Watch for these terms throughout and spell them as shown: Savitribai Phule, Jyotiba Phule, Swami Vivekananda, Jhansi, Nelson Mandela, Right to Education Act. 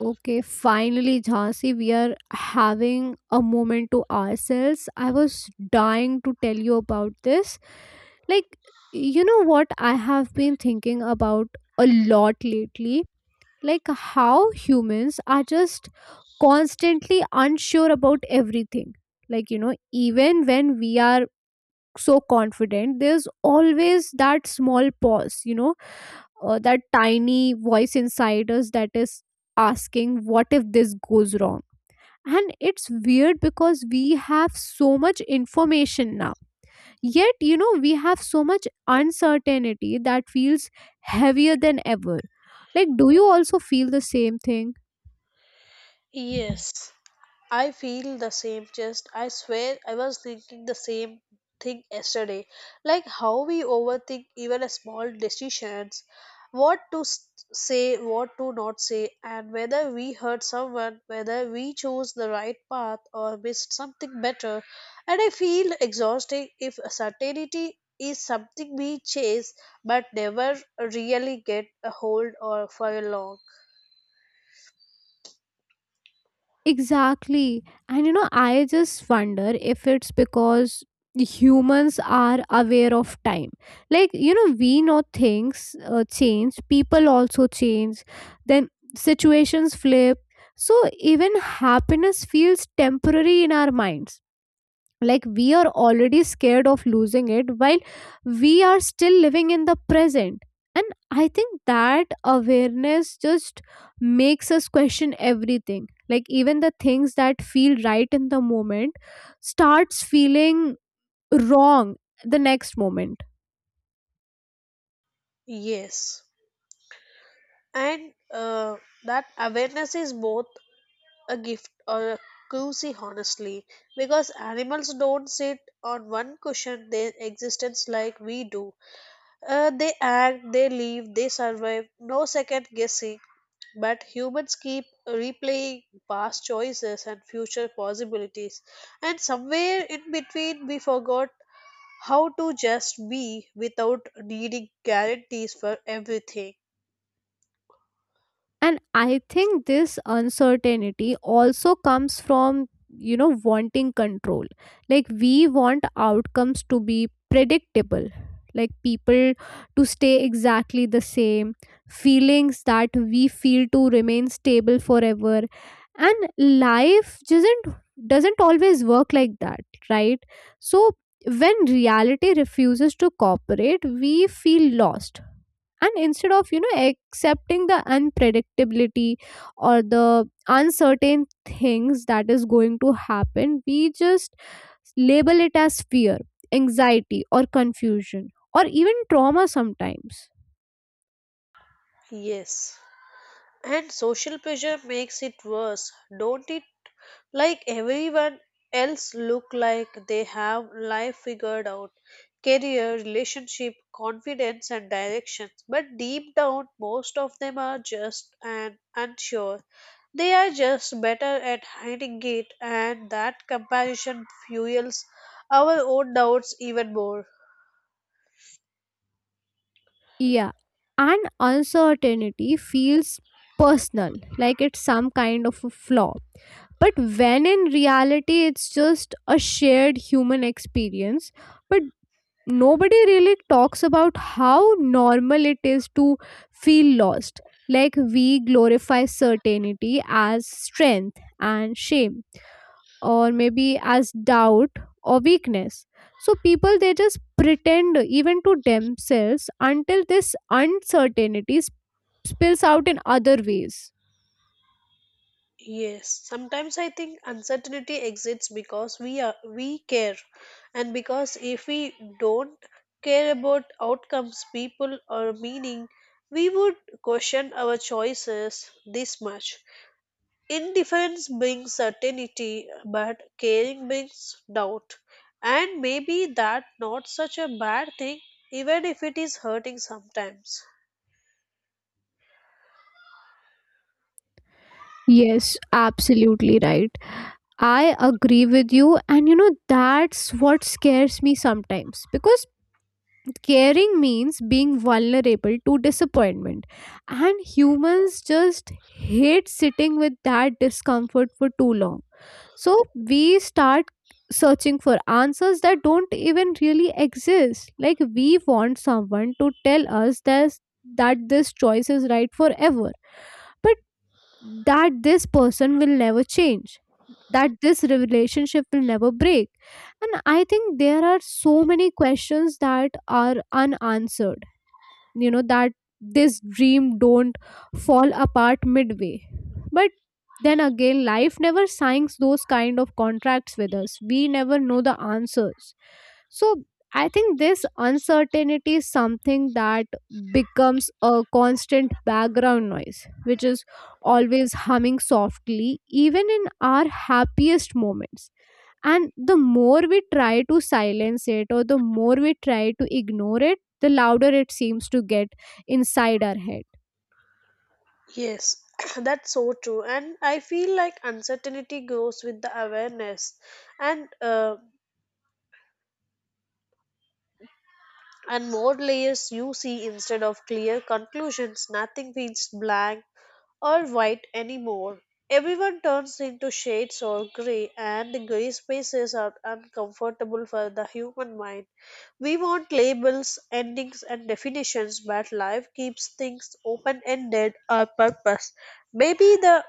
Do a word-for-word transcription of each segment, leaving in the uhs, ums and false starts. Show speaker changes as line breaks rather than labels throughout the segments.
Okay, finally, Jhansi, we are having a moment to ourselves. I was dying to tell you about this. Like, you know what I have been thinking about a lot lately? Like, how humans are just constantly unsure about everything. Like, you know, even when we are so confident, there's always that small pause, you know, uh, that tiny voice inside us that is asking, what if this goes wrong? And it's weird because we have so much information now. Yet, you know, we have so much uncertainty that feels heavier than ever. Like, do you also feel the same thing?
Yes, I feel the same. Just I swear I was thinking the same thing yesterday. Like how we overthink even a small decisions, what to s- say, what to not say, and whether we hurt someone, whether we chose the right path or missed something better. And I feel exhausting if certainty is something we chase but never really get a hold or for a long.
Exactly. And you know, I just wonder if it's because humans are aware of time. Like, you know, we know things uh, change, people also change, then situations flip. So even happiness feels temporary in our minds, like we are already scared of losing it while we are still living in the present, and I think that awareness just makes us question everything, like even the things that feel right in the moment starts feeling wrong the next moment.
Yes. And uh, that awareness is both a gift or a curse, honestly, because animals don't sit on one cushion their existence like we do. Uh, they act, they live, they survive, no second guessing. But humans keep replaying past choices and future possibilities, and somewhere in between, we forgot how to just be without needing guarantees for everything.
And I think this uncertainty also comes from, you know, wanting control. Like, we want outcomes to be predictable, like, people to stay exactly the same, feelings that we feel to remain stable forever. And life doesn't doesn't always work like that, right? So when reality refuses to cooperate, we feel lost, and instead of, you know, accepting the unpredictability or the uncertain things that is going to happen, we just label it as fear, anxiety, or confusion, or even trauma sometimes.
Yes. And social pressure makes it worse, don't it? Like everyone else look like they have life figured out, career relationship confidence and directions, but deep down most of them are just and unsure. They are just better at hiding it, and that comparison fuels our own doubts even more.
Yeah. And uncertainty feels personal, like it's some kind of a flaw. But when in reality, it's just a shared human experience. But nobody really talks about how normal it is to feel lost. Like, we glorify certainty as strength and shame, or maybe as doubt or weakness. So people, they just pretend even to themselves until this uncertainty sp- spills out in other ways.
Yes, sometimes I think uncertainty exists because we are we care, and because if we don't care about outcomes, people, or meaning, we would question our choices this much. Indifference brings certainty, but caring brings doubt, and maybe that not such a bad thing, even if it is hurting sometimes.
Yes, absolutely right. I agree with you, and you know, that's what scares me sometimes because caring means being vulnerable to disappointment, and humans just hate sitting with that discomfort for too long. So we start searching for answers that don't even really exist. Like, we want someone to tell us that that this choice is right forever, but that this person will never change, that this relationship will never break. And I think there are so many questions that are unanswered, you know, that this dream don't fall apart midway, but then again life never signs those kind of contracts with us, we never know the answers. So I think this uncertainty is something that becomes a constant background noise which is always humming softly even in our happiest moments, and the more we try to silence it or the more we try to ignore it, the louder it seems to get inside our head.
Yes, that's so true. And I feel like uncertainty grows with the awareness and uh, and more layers you see instead of clear conclusions. Nothing feels blank or white anymore. Everyone turns into shades or gray, and the gray spaces are uncomfortable for the human mind. We want labels, endings, and definitions, but life keeps things open ended or purpose. Maybe the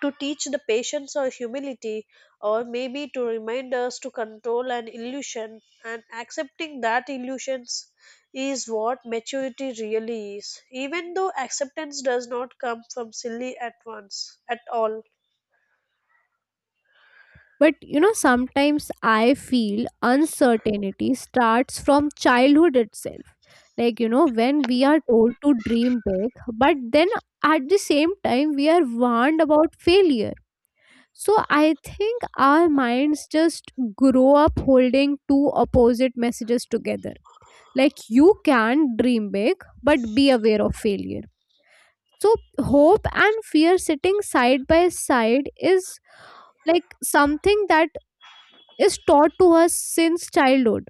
to teach the patience or humility, or maybe to remind us to control an illusion and accepting that illusions is what maturity really is, even though acceptance does not come from silly at once at all.
But you know, sometimes I feel uncertainty starts from childhood itself. Like, you know, when we are told to dream big, but then at the same time, we are warned about failure. So I think our minds just grow up holding two opposite messages together, like you can dream big but be aware of failure. So hope and fear sitting side by side is like something that is taught to us since childhood,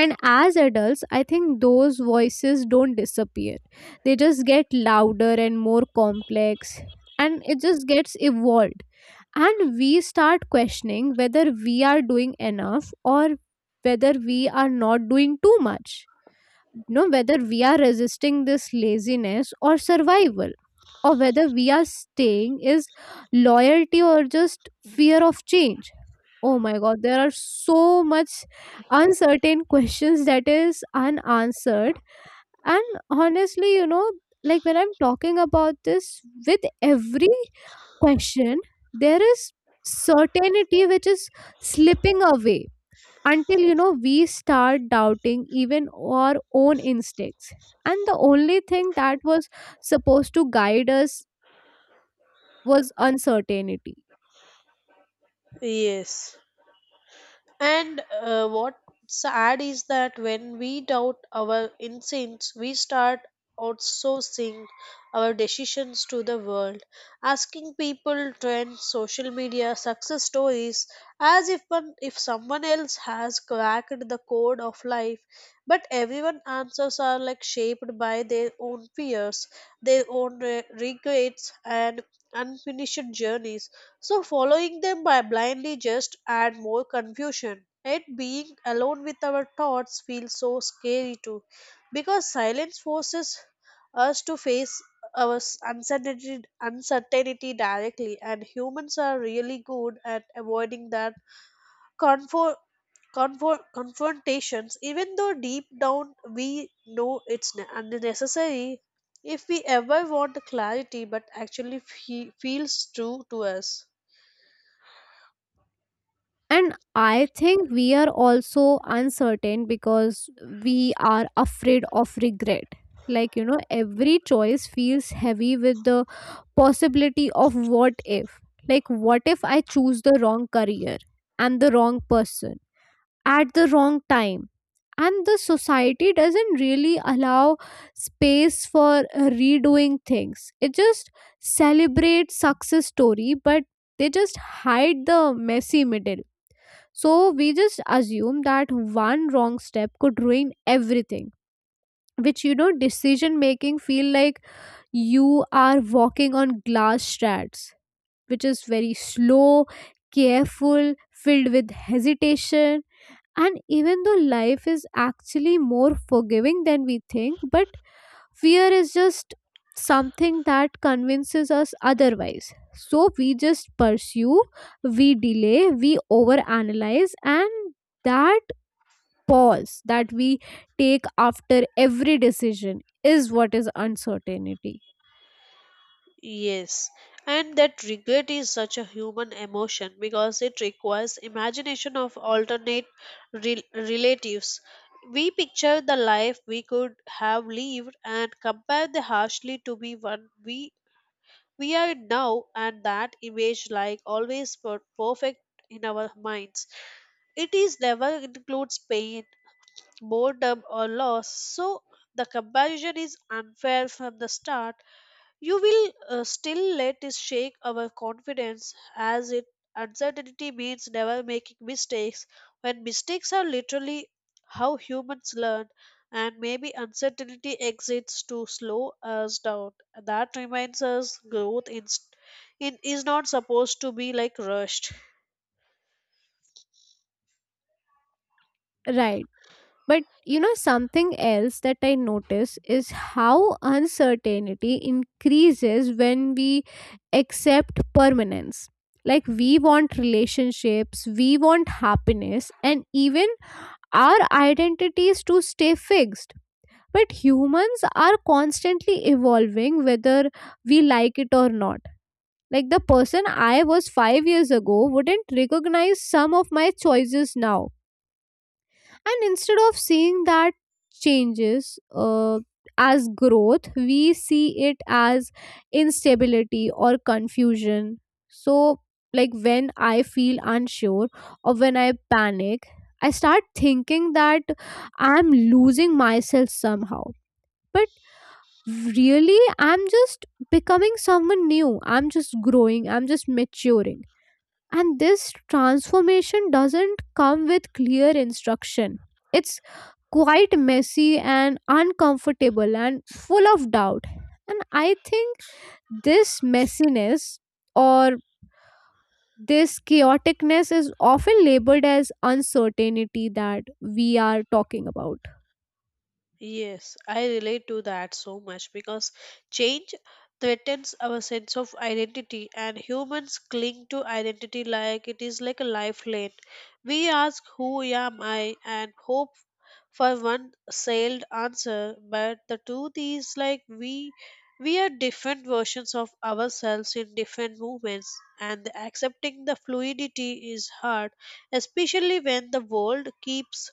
and as adults I think those voices don't disappear, they just get louder and more complex, and it just gets evolved, and we start questioning whether we are doing enough or whether we are not doing too much, know whether we are resisting this laziness or survival, or whether we are staying is loyalty or just fear of change. Oh my god, there are so much uncertain questions that is unanswered. And honestly, you know, like when I'm talking about this, with every question there is certainty which is slipping away, until, you know, we start doubting even our own instincts, and the only thing that was supposed to guide us was uncertainty.
Yes. And uh, what's sad is that when we doubt our instincts, we start outsourcing our decisions to the world, asking people, trends, social media, success stories, as if one, if someone else has cracked the code of life. But everyone answers are like shaped by their own fears, their own re- regrets, and unfinished journeys, so following them by blindly just add more confusion. Yet being alone with our thoughts feels so scary too, because silence forces us to face our s- uncertainty, uncertainty directly, and humans are really good at avoiding that confo- confo- confrontations, even though deep down we know it's ne- unnecessary. If we ever want clarity, but actually fe- feels true to us.
And I think we are also uncertain because we are afraid of regret, like, you know, every choice feels heavy with the possibility of what if. Like, what if I choose the wrong career and the wrong person at the wrong time, and the society doesn't really allow space for uh, redoing things, it just celebrates success story, but they just hide the messy middle. So we just assume that one wrong step could ruin everything, which, you know, decision making feel like you are walking on glass strats, which is very slow, careful, filled with hesitation. And even though life is actually more forgiving than we think, but fear is just something that convinces us otherwise. So we just pursue, we delay, we overanalyze, and that pause that we take after every decision is what is uncertainty.
Yes, and that regret is such a human emotion because it requires imagination of alternate rel- relatives. We picture the life we could have lived and compare the harshly to be one we we are now, and that image like always per- perfect in our minds. It is never includes pain, boredom, or loss. So the comparison is unfair from the start. You will uh, still let it shake our confidence as it uncertainty means never making mistakes when mistakes are literally how humans learn. And maybe uncertainty exits to slow us down, that reminds us growth in, in is not supposed to be like rushed.
Right. But you know, something else that I notice is how uncertainty increases when we accept permanence. Like, we want relationships, we want happiness, and even our identities to stay fixed. But humans are constantly evolving whether we like it or not. Like, the person I was five years ago wouldn't recognize some of my choices now, and instead of seeing that changes uh, as growth, we see it as instability or confusion. So, like when I feel unsure or when I panic, I start thinking that I'm losing myself somehow. But really, I'm just becoming someone new. I'm just growing. I'm just maturing. And this transformation doesn't come with clear instruction. It's quite messy and uncomfortable and full of doubt. And I think this messiness or this chaoticness is often labeled as uncertainty that we are talking about.
Yes, I relate to that so much because change threatens our sense of identity, and humans cling to identity like it is like a lifeline. We ask who am I and hope for one sailed answer, but the truth is like we we are different versions of ourselves in different movements, and accepting the fluidity is hard, especially when the world keeps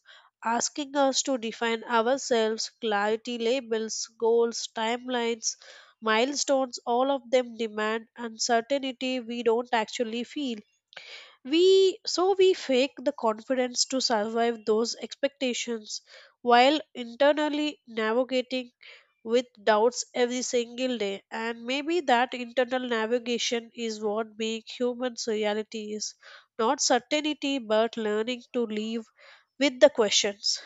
asking us to define ourselves, clarity labels, goals, timelines, milestones, all of them demand uncertainty we don't actually feel. We so we fake the confidence to survive those expectations while internally navigating with doubts every single day. And maybe that internal navigation is what being human's reality is, not certainty, but learning to live with the questions.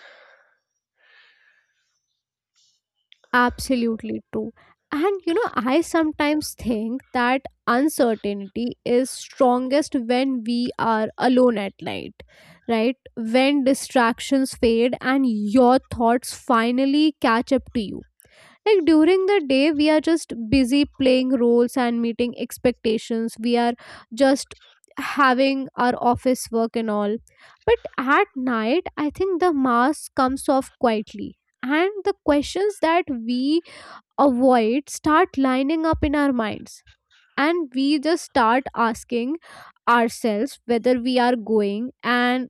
Absolutely true. And you know, I sometimes think that uncertainty is strongest when we are alone at night, right? When distractions fade and your thoughts finally catch up to you. Like during the day we are just busy playing roles and meeting expectations, we are just having our office work and all. But at night, I think the mask comes off quietly, and the questions that we avoid start lining up in our minds, and we just start asking ourselves whether we are going, and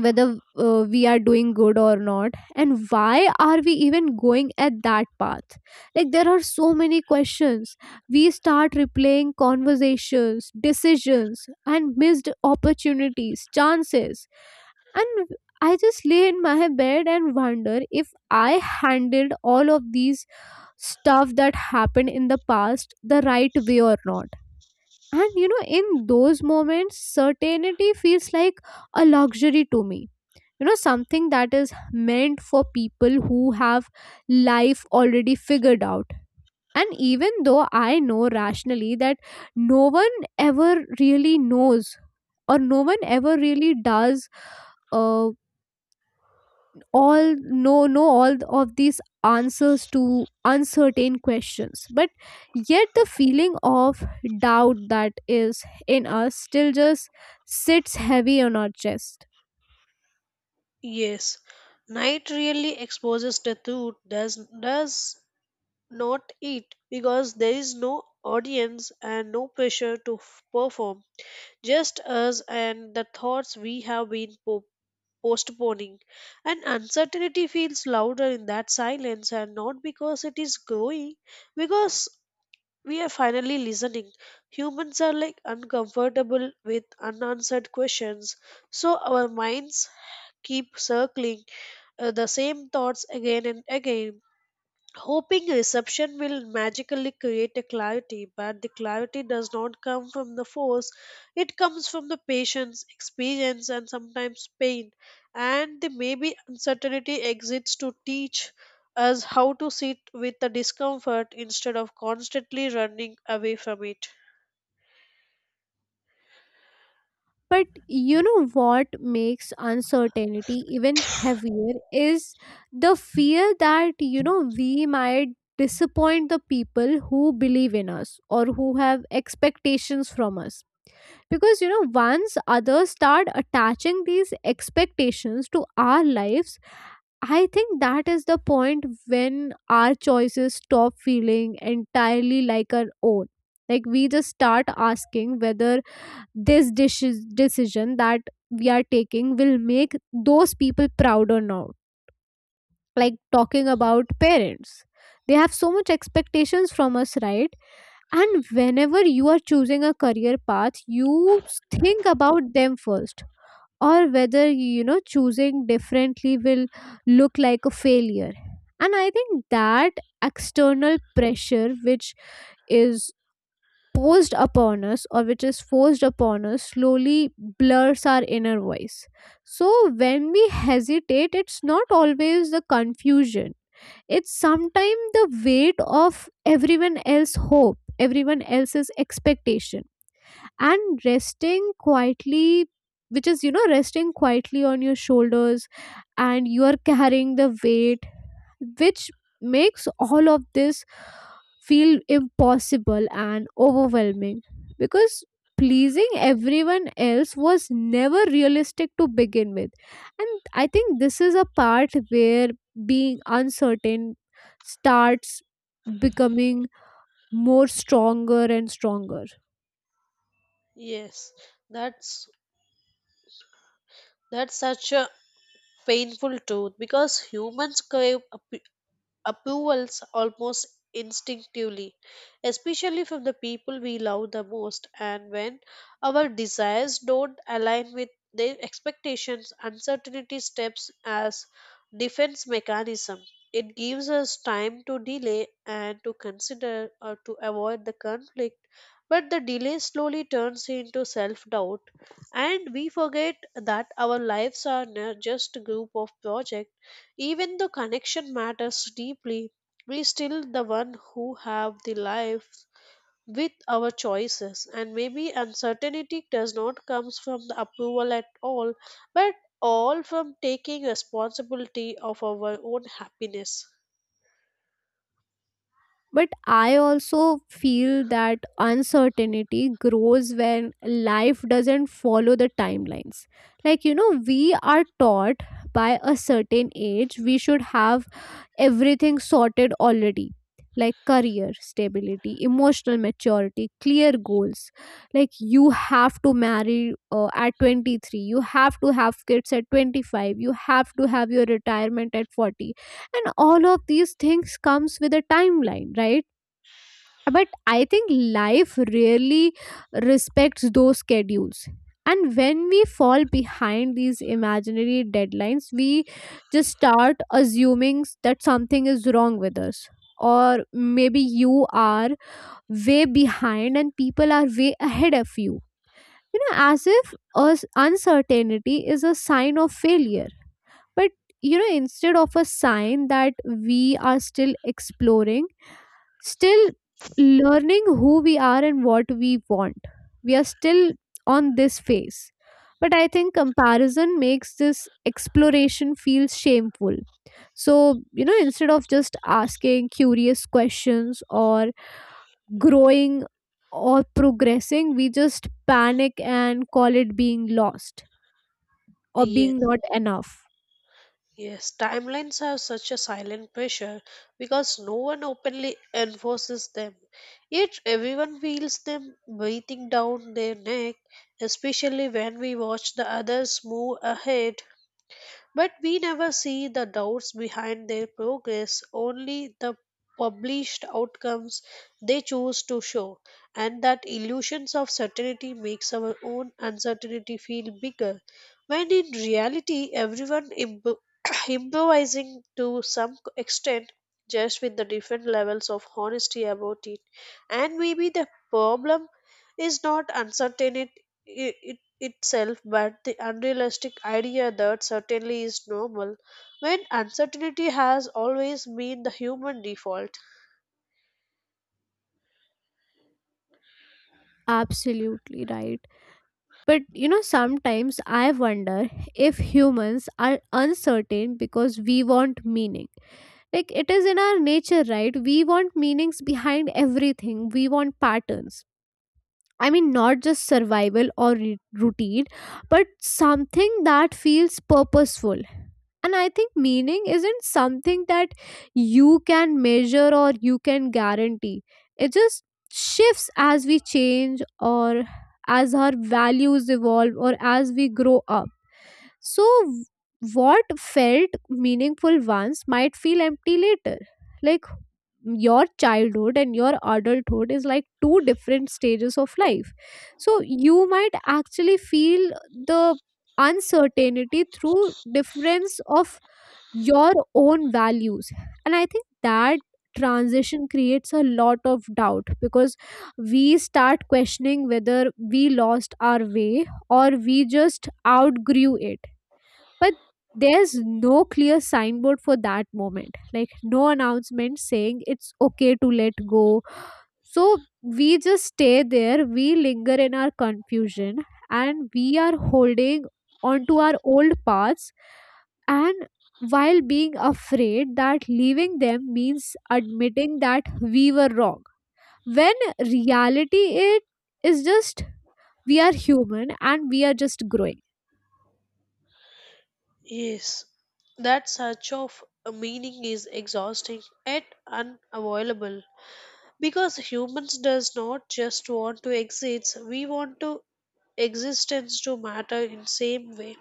whether uh, we are doing good or not, and why are we even going at that path. Like, there are so many questions. We start replaying conversations, decisions, and missed opportunities, chances, and I just lay in my bed and wonder if I handled all of these stuff that happened in the past the right way or not. And you know, in those moments certainty feels like a luxury to me, you know, something that is meant for people who have life already figured out. And even though I know rationally that no one ever really knows, or no one ever really does, uh, all know know all of these answers to uncertain questions, but yet the feeling of doubt that is in us still just sits heavy on our chest.
Yes, night really exposes the truth, does, does not it? Because there is no audience and no pressure to f- perform, just us and the thoughts we have been po- postponing. And uncertainty feels louder in that silence, and not because it is growing, because we are finally listening. Humans are like uncomfortable with unanswered questions, so our minds keep circling uh, the same thoughts again and again, hoping reception will magically create a clarity. But the clarity does not come from the force, it comes from the patient's experience and sometimes pain. And the maybe uncertainty exists to teach us how to sit with the discomfort instead of constantly running away from it.
But you know what makes uncertainty even heavier is the fear that, you know, we might disappoint the people who believe in us or who have expectations from us. Because, you know, once others start attaching these expectations to our lives, I think that is the point when our choices stop feeling entirely like our own. Like, we just start asking whether this dishes decision that we are taking will make those people proud or not. Like, talking about parents, they have so much expectations from us, right? And whenever you are choosing a career path, you s- think about them first, or whether, you know, choosing differently will look like a failure. And I think that external pressure, which is posed upon us or which is forced upon us, slowly blurs our inner voice. So when we hesitate, it's not always the confusion, it's sometimes the weight of everyone else's hope, everyone else's expectation. And resting quietly, which is, you know, resting quietly on your shoulders, and you are carrying the weight which makes all of this feel impossible and overwhelming, because pleasing everyone else was never realistic to begin with. And I think this is a part where being uncertain starts becoming more stronger and stronger.
Yes, that's that's such a painful truth because humans crave ap- approvals almost instinctively, especially from the people we love the most. And when our desires don't align with their expectations, uncertainty steps as defense mechanism. It gives us time to delay and to consider or to avoid the conflict, but the delay slowly turns into self doubt, and we forget that our lives are not just a group of projects. Even though connection matters deeply, we still the one who have the life with our choices. And maybe uncertainty does not comes from the approval at all, but all from taking responsibility of our own happiness.
But I also feel that uncertainty grows when life doesn't follow the timelines. Like, you know, we are taught by a certain age we should have everything sorted already, like career stability, emotional maturity, clear goals. Like, you have to marry uh, at twenty-three, you have to have kids at twenty-five, you have to have your retirement at forty. And all of these things comes with a timeline, right? But I think life rarely respects those schedules, and when we fall behind these imaginary deadlines, we just start assuming that something is wrong with us, or maybe you are way behind and people are way ahead of you, you know, as if us uncertainty is a sign of failure, but you know instead of a sign that we are still exploring, still learning who we are and what we want. We are still on this phase. But I think comparison makes this exploration feel shameful. So, you know, instead of just asking curious questions or growing or progressing, we just panic and call it being lost or being
Yes.
not enough.
Yes, timelines have such a silent pressure because no one openly enforces them. Yet everyone feels them breathing down their neck, especially when we watch the others move ahead, but we never see the doubts behind their progress, only the published outcomes they choose to show. And that illusions of certainty makes our own uncertainty feel bigger, when in reality, everyone imp- improvising to some extent, just with the different levels of honesty about it. And maybe the problem is not uncertainty itself, but the unrealistic idea that certainly is normal, when uncertainty has always been the human default.
Absolutely right. But you know, sometimes I wonder if humans are uncertain because we want meaning. Like, it is in our nature, right? We want meanings behind everything, we want patterns. I mean, not just survival or re- routine, but something that feels purposeful. And I think meaning isn't something that you can measure or you can guarantee. It just shifts as we change, or as our values evolve, or as we grow up. So, w- what felt meaningful once might feel empty later. Like, your childhood and your adulthood is like two different stages of life, so you might actually feel the uncertainty through difference of your own values, and I think that transition creates a lot of doubt because we start questioning whether we lost our way or we just outgrew it. But there's no clear signboard for that moment, like no announcement saying it's okay to let go. So we just stay there, we linger in our confusion, and we are holding onto our old paths, and while being afraid that leaving them means admitting that we were wrong, when reality it is just we are human and we are just growing.
Yes, that search of a meaning is exhausting and unavoidable because humans does not just want to exist, we want to existence to matter in same way.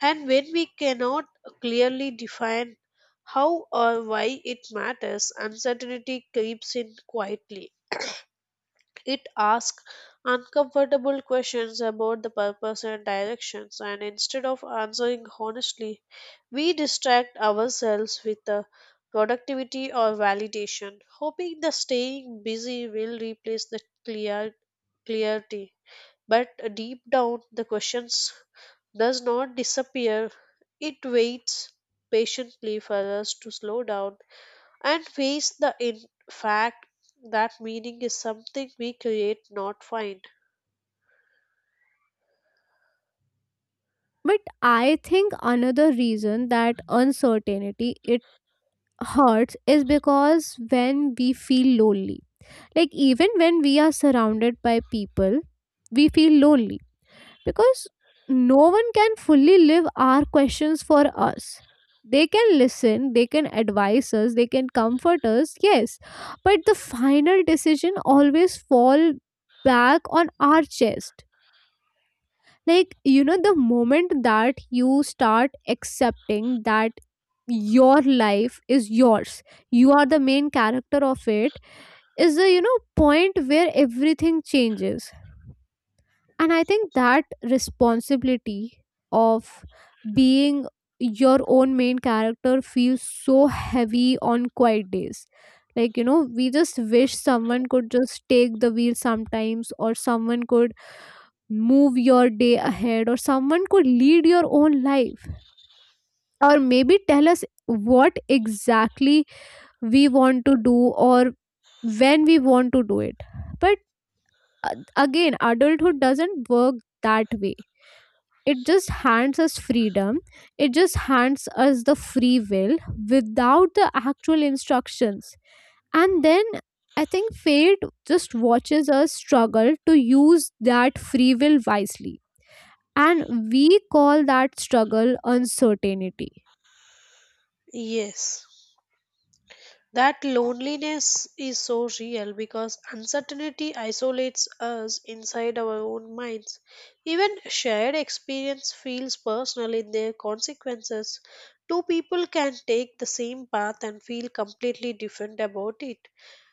And when we cannot clearly define how or why it matters, uncertainty creeps in quietly. It asks uncomfortable questions about the purpose and directions, and instead of answering honestly, we distract ourselves with the productivity or validation, hoping the staying busy will replace the clear clarity. But deep down, the questions does not disappear. It waits patiently for us to slow down and face the in fact that meaning is something we create, not find.
But I think another reason that uncertainty it hurts is because when we feel lonely, like even when we are surrounded by people, we feel lonely, because no one can fully live our questions for us. They can listen, they can advise us, they can comfort us, yes, but the final decision always fall back on our chest. Like, you know, the moment that you start accepting that your life is yours, you are the main character of it, is the, you know, point where everything changes. And I think that responsibility of being your own main character feels so heavy on quiet days. Like, you know, we just wish someone could just take the wheel sometimes, or someone could move your day ahead, or someone could lead your own life, or maybe tell us what exactly we want to do or when we want to do it. But uh, again, adulthood doesn't work that way. It just hands us freedom, it just hands us the free will without the actual instructions. And then I think fate just watches us struggle to use that free will wisely, and we call that struggle uncertainty.
Yes. That loneliness is so real because uncertainty isolates us inside our own minds. Even shared experience feels personal in their consequences. Two people can take the same path and feel completely different about it.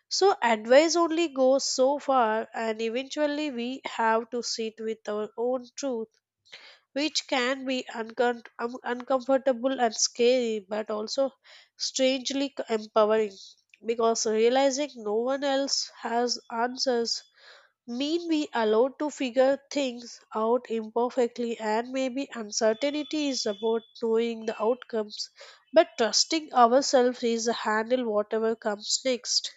So, advice only goes so far, and eventually, we have to sit with our own truth, which can be uncom- um, uncomfortable and scary, but also strangely c- empowering. Because realizing no one else has answers mean we allowed to figure things out imperfectly. And maybe uncertainty is about knowing the outcomes, but trusting ourselves is a handle whatever comes next.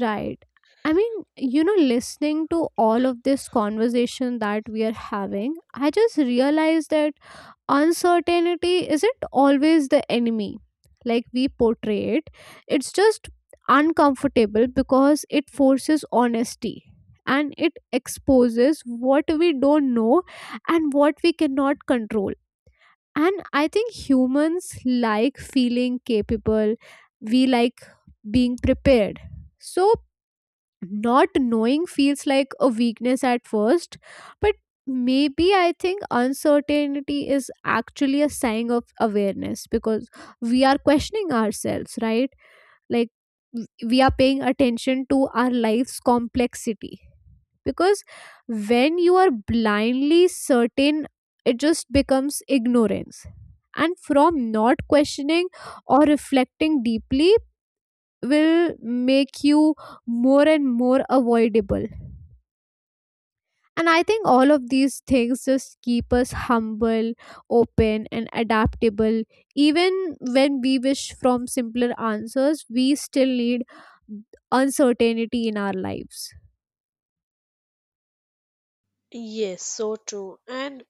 Right, I mean, you know, listening to all of this conversation that we are having, I just realized that uncertainty isn't always the enemy like we portray it. It's just uncomfortable because it forces honesty, and it exposes what we don't know and what we cannot control. And I think humans like feeling capable, we like being prepared, so not knowing feels like a weakness at first. But maybe I think uncertainty is actually a sign of awareness because we are questioning ourselves, right? Like, w- we are paying attention to our life's complexity, because when you are blindly certain, it just becomes ignorance, and from not questioning or reflecting deeply will make you more and more avoidable. And I think all of these things just keep us humble, open, and adaptable. Even when we wish from simpler answers, we still need uncertainty in our lives.
Yes, so true. And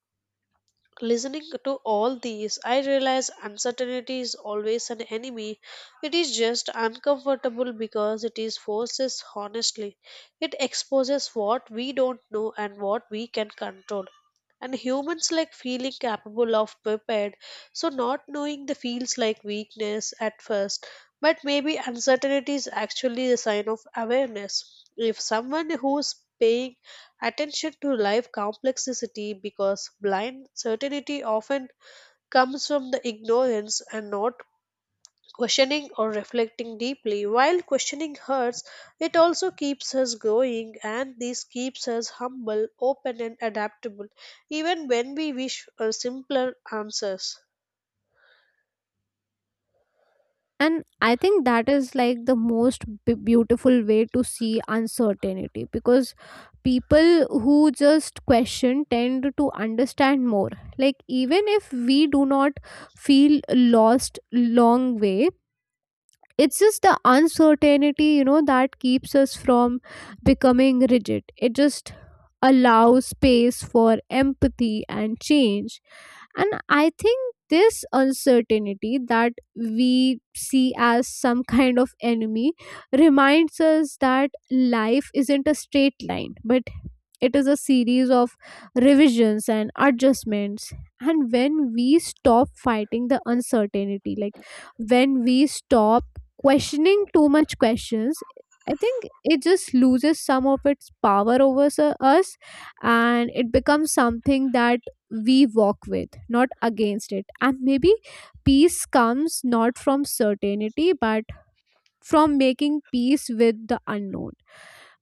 listening to all these, I realize uncertainty is always an enemy. It is just uncomfortable because it is forces honestly. It exposes what we don't know and what we can control, and humans like feeling capable of prepared, so not knowing the feels like weakness at first. But maybe uncertainty is actually a sign of awareness if someone who's paying attention to life complexity, because blind certainty often comes from the ignorance and not questioning or reflecting deeply. While questioning hurts, it also keeps us going, and this keeps us humble, open, and adaptable, even when we wish for simpler answers.
And I think that is like the most b- beautiful way to see uncertainty, because people who just question tend to understand more. Like, even if we do not feel lost long way, it's just the uncertainty, you know, that keeps us from becoming rigid. It just allows space for empathy and change. And I think this uncertainty that we see as some kind of enemy reminds us that life isn't a straight line, but it is a series of revisions and adjustments. And when we stop fighting the uncertainty, like when we stop questioning too much questions, I think it just loses some of its power over s- us, and it becomes something that we walk with, not against it. And maybe peace comes not from certainty, but from making peace with the unknown.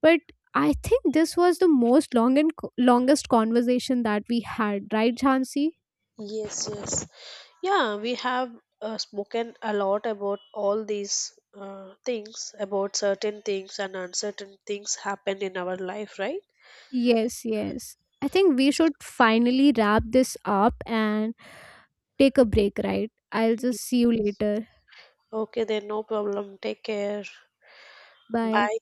But I think this was the most long and co- longest conversation that we had, right, Jhansi?
Yes, yes. Yeah, we have uh, spoken a lot about all these uh, things, about certain things and uncertain things happen in our life, right?
Yes, yes, I think we should finally wrap this up and take a break, right? I'll
Yes.
just see you later.
Okay, then no problem. Take care.
Bye.
Bye.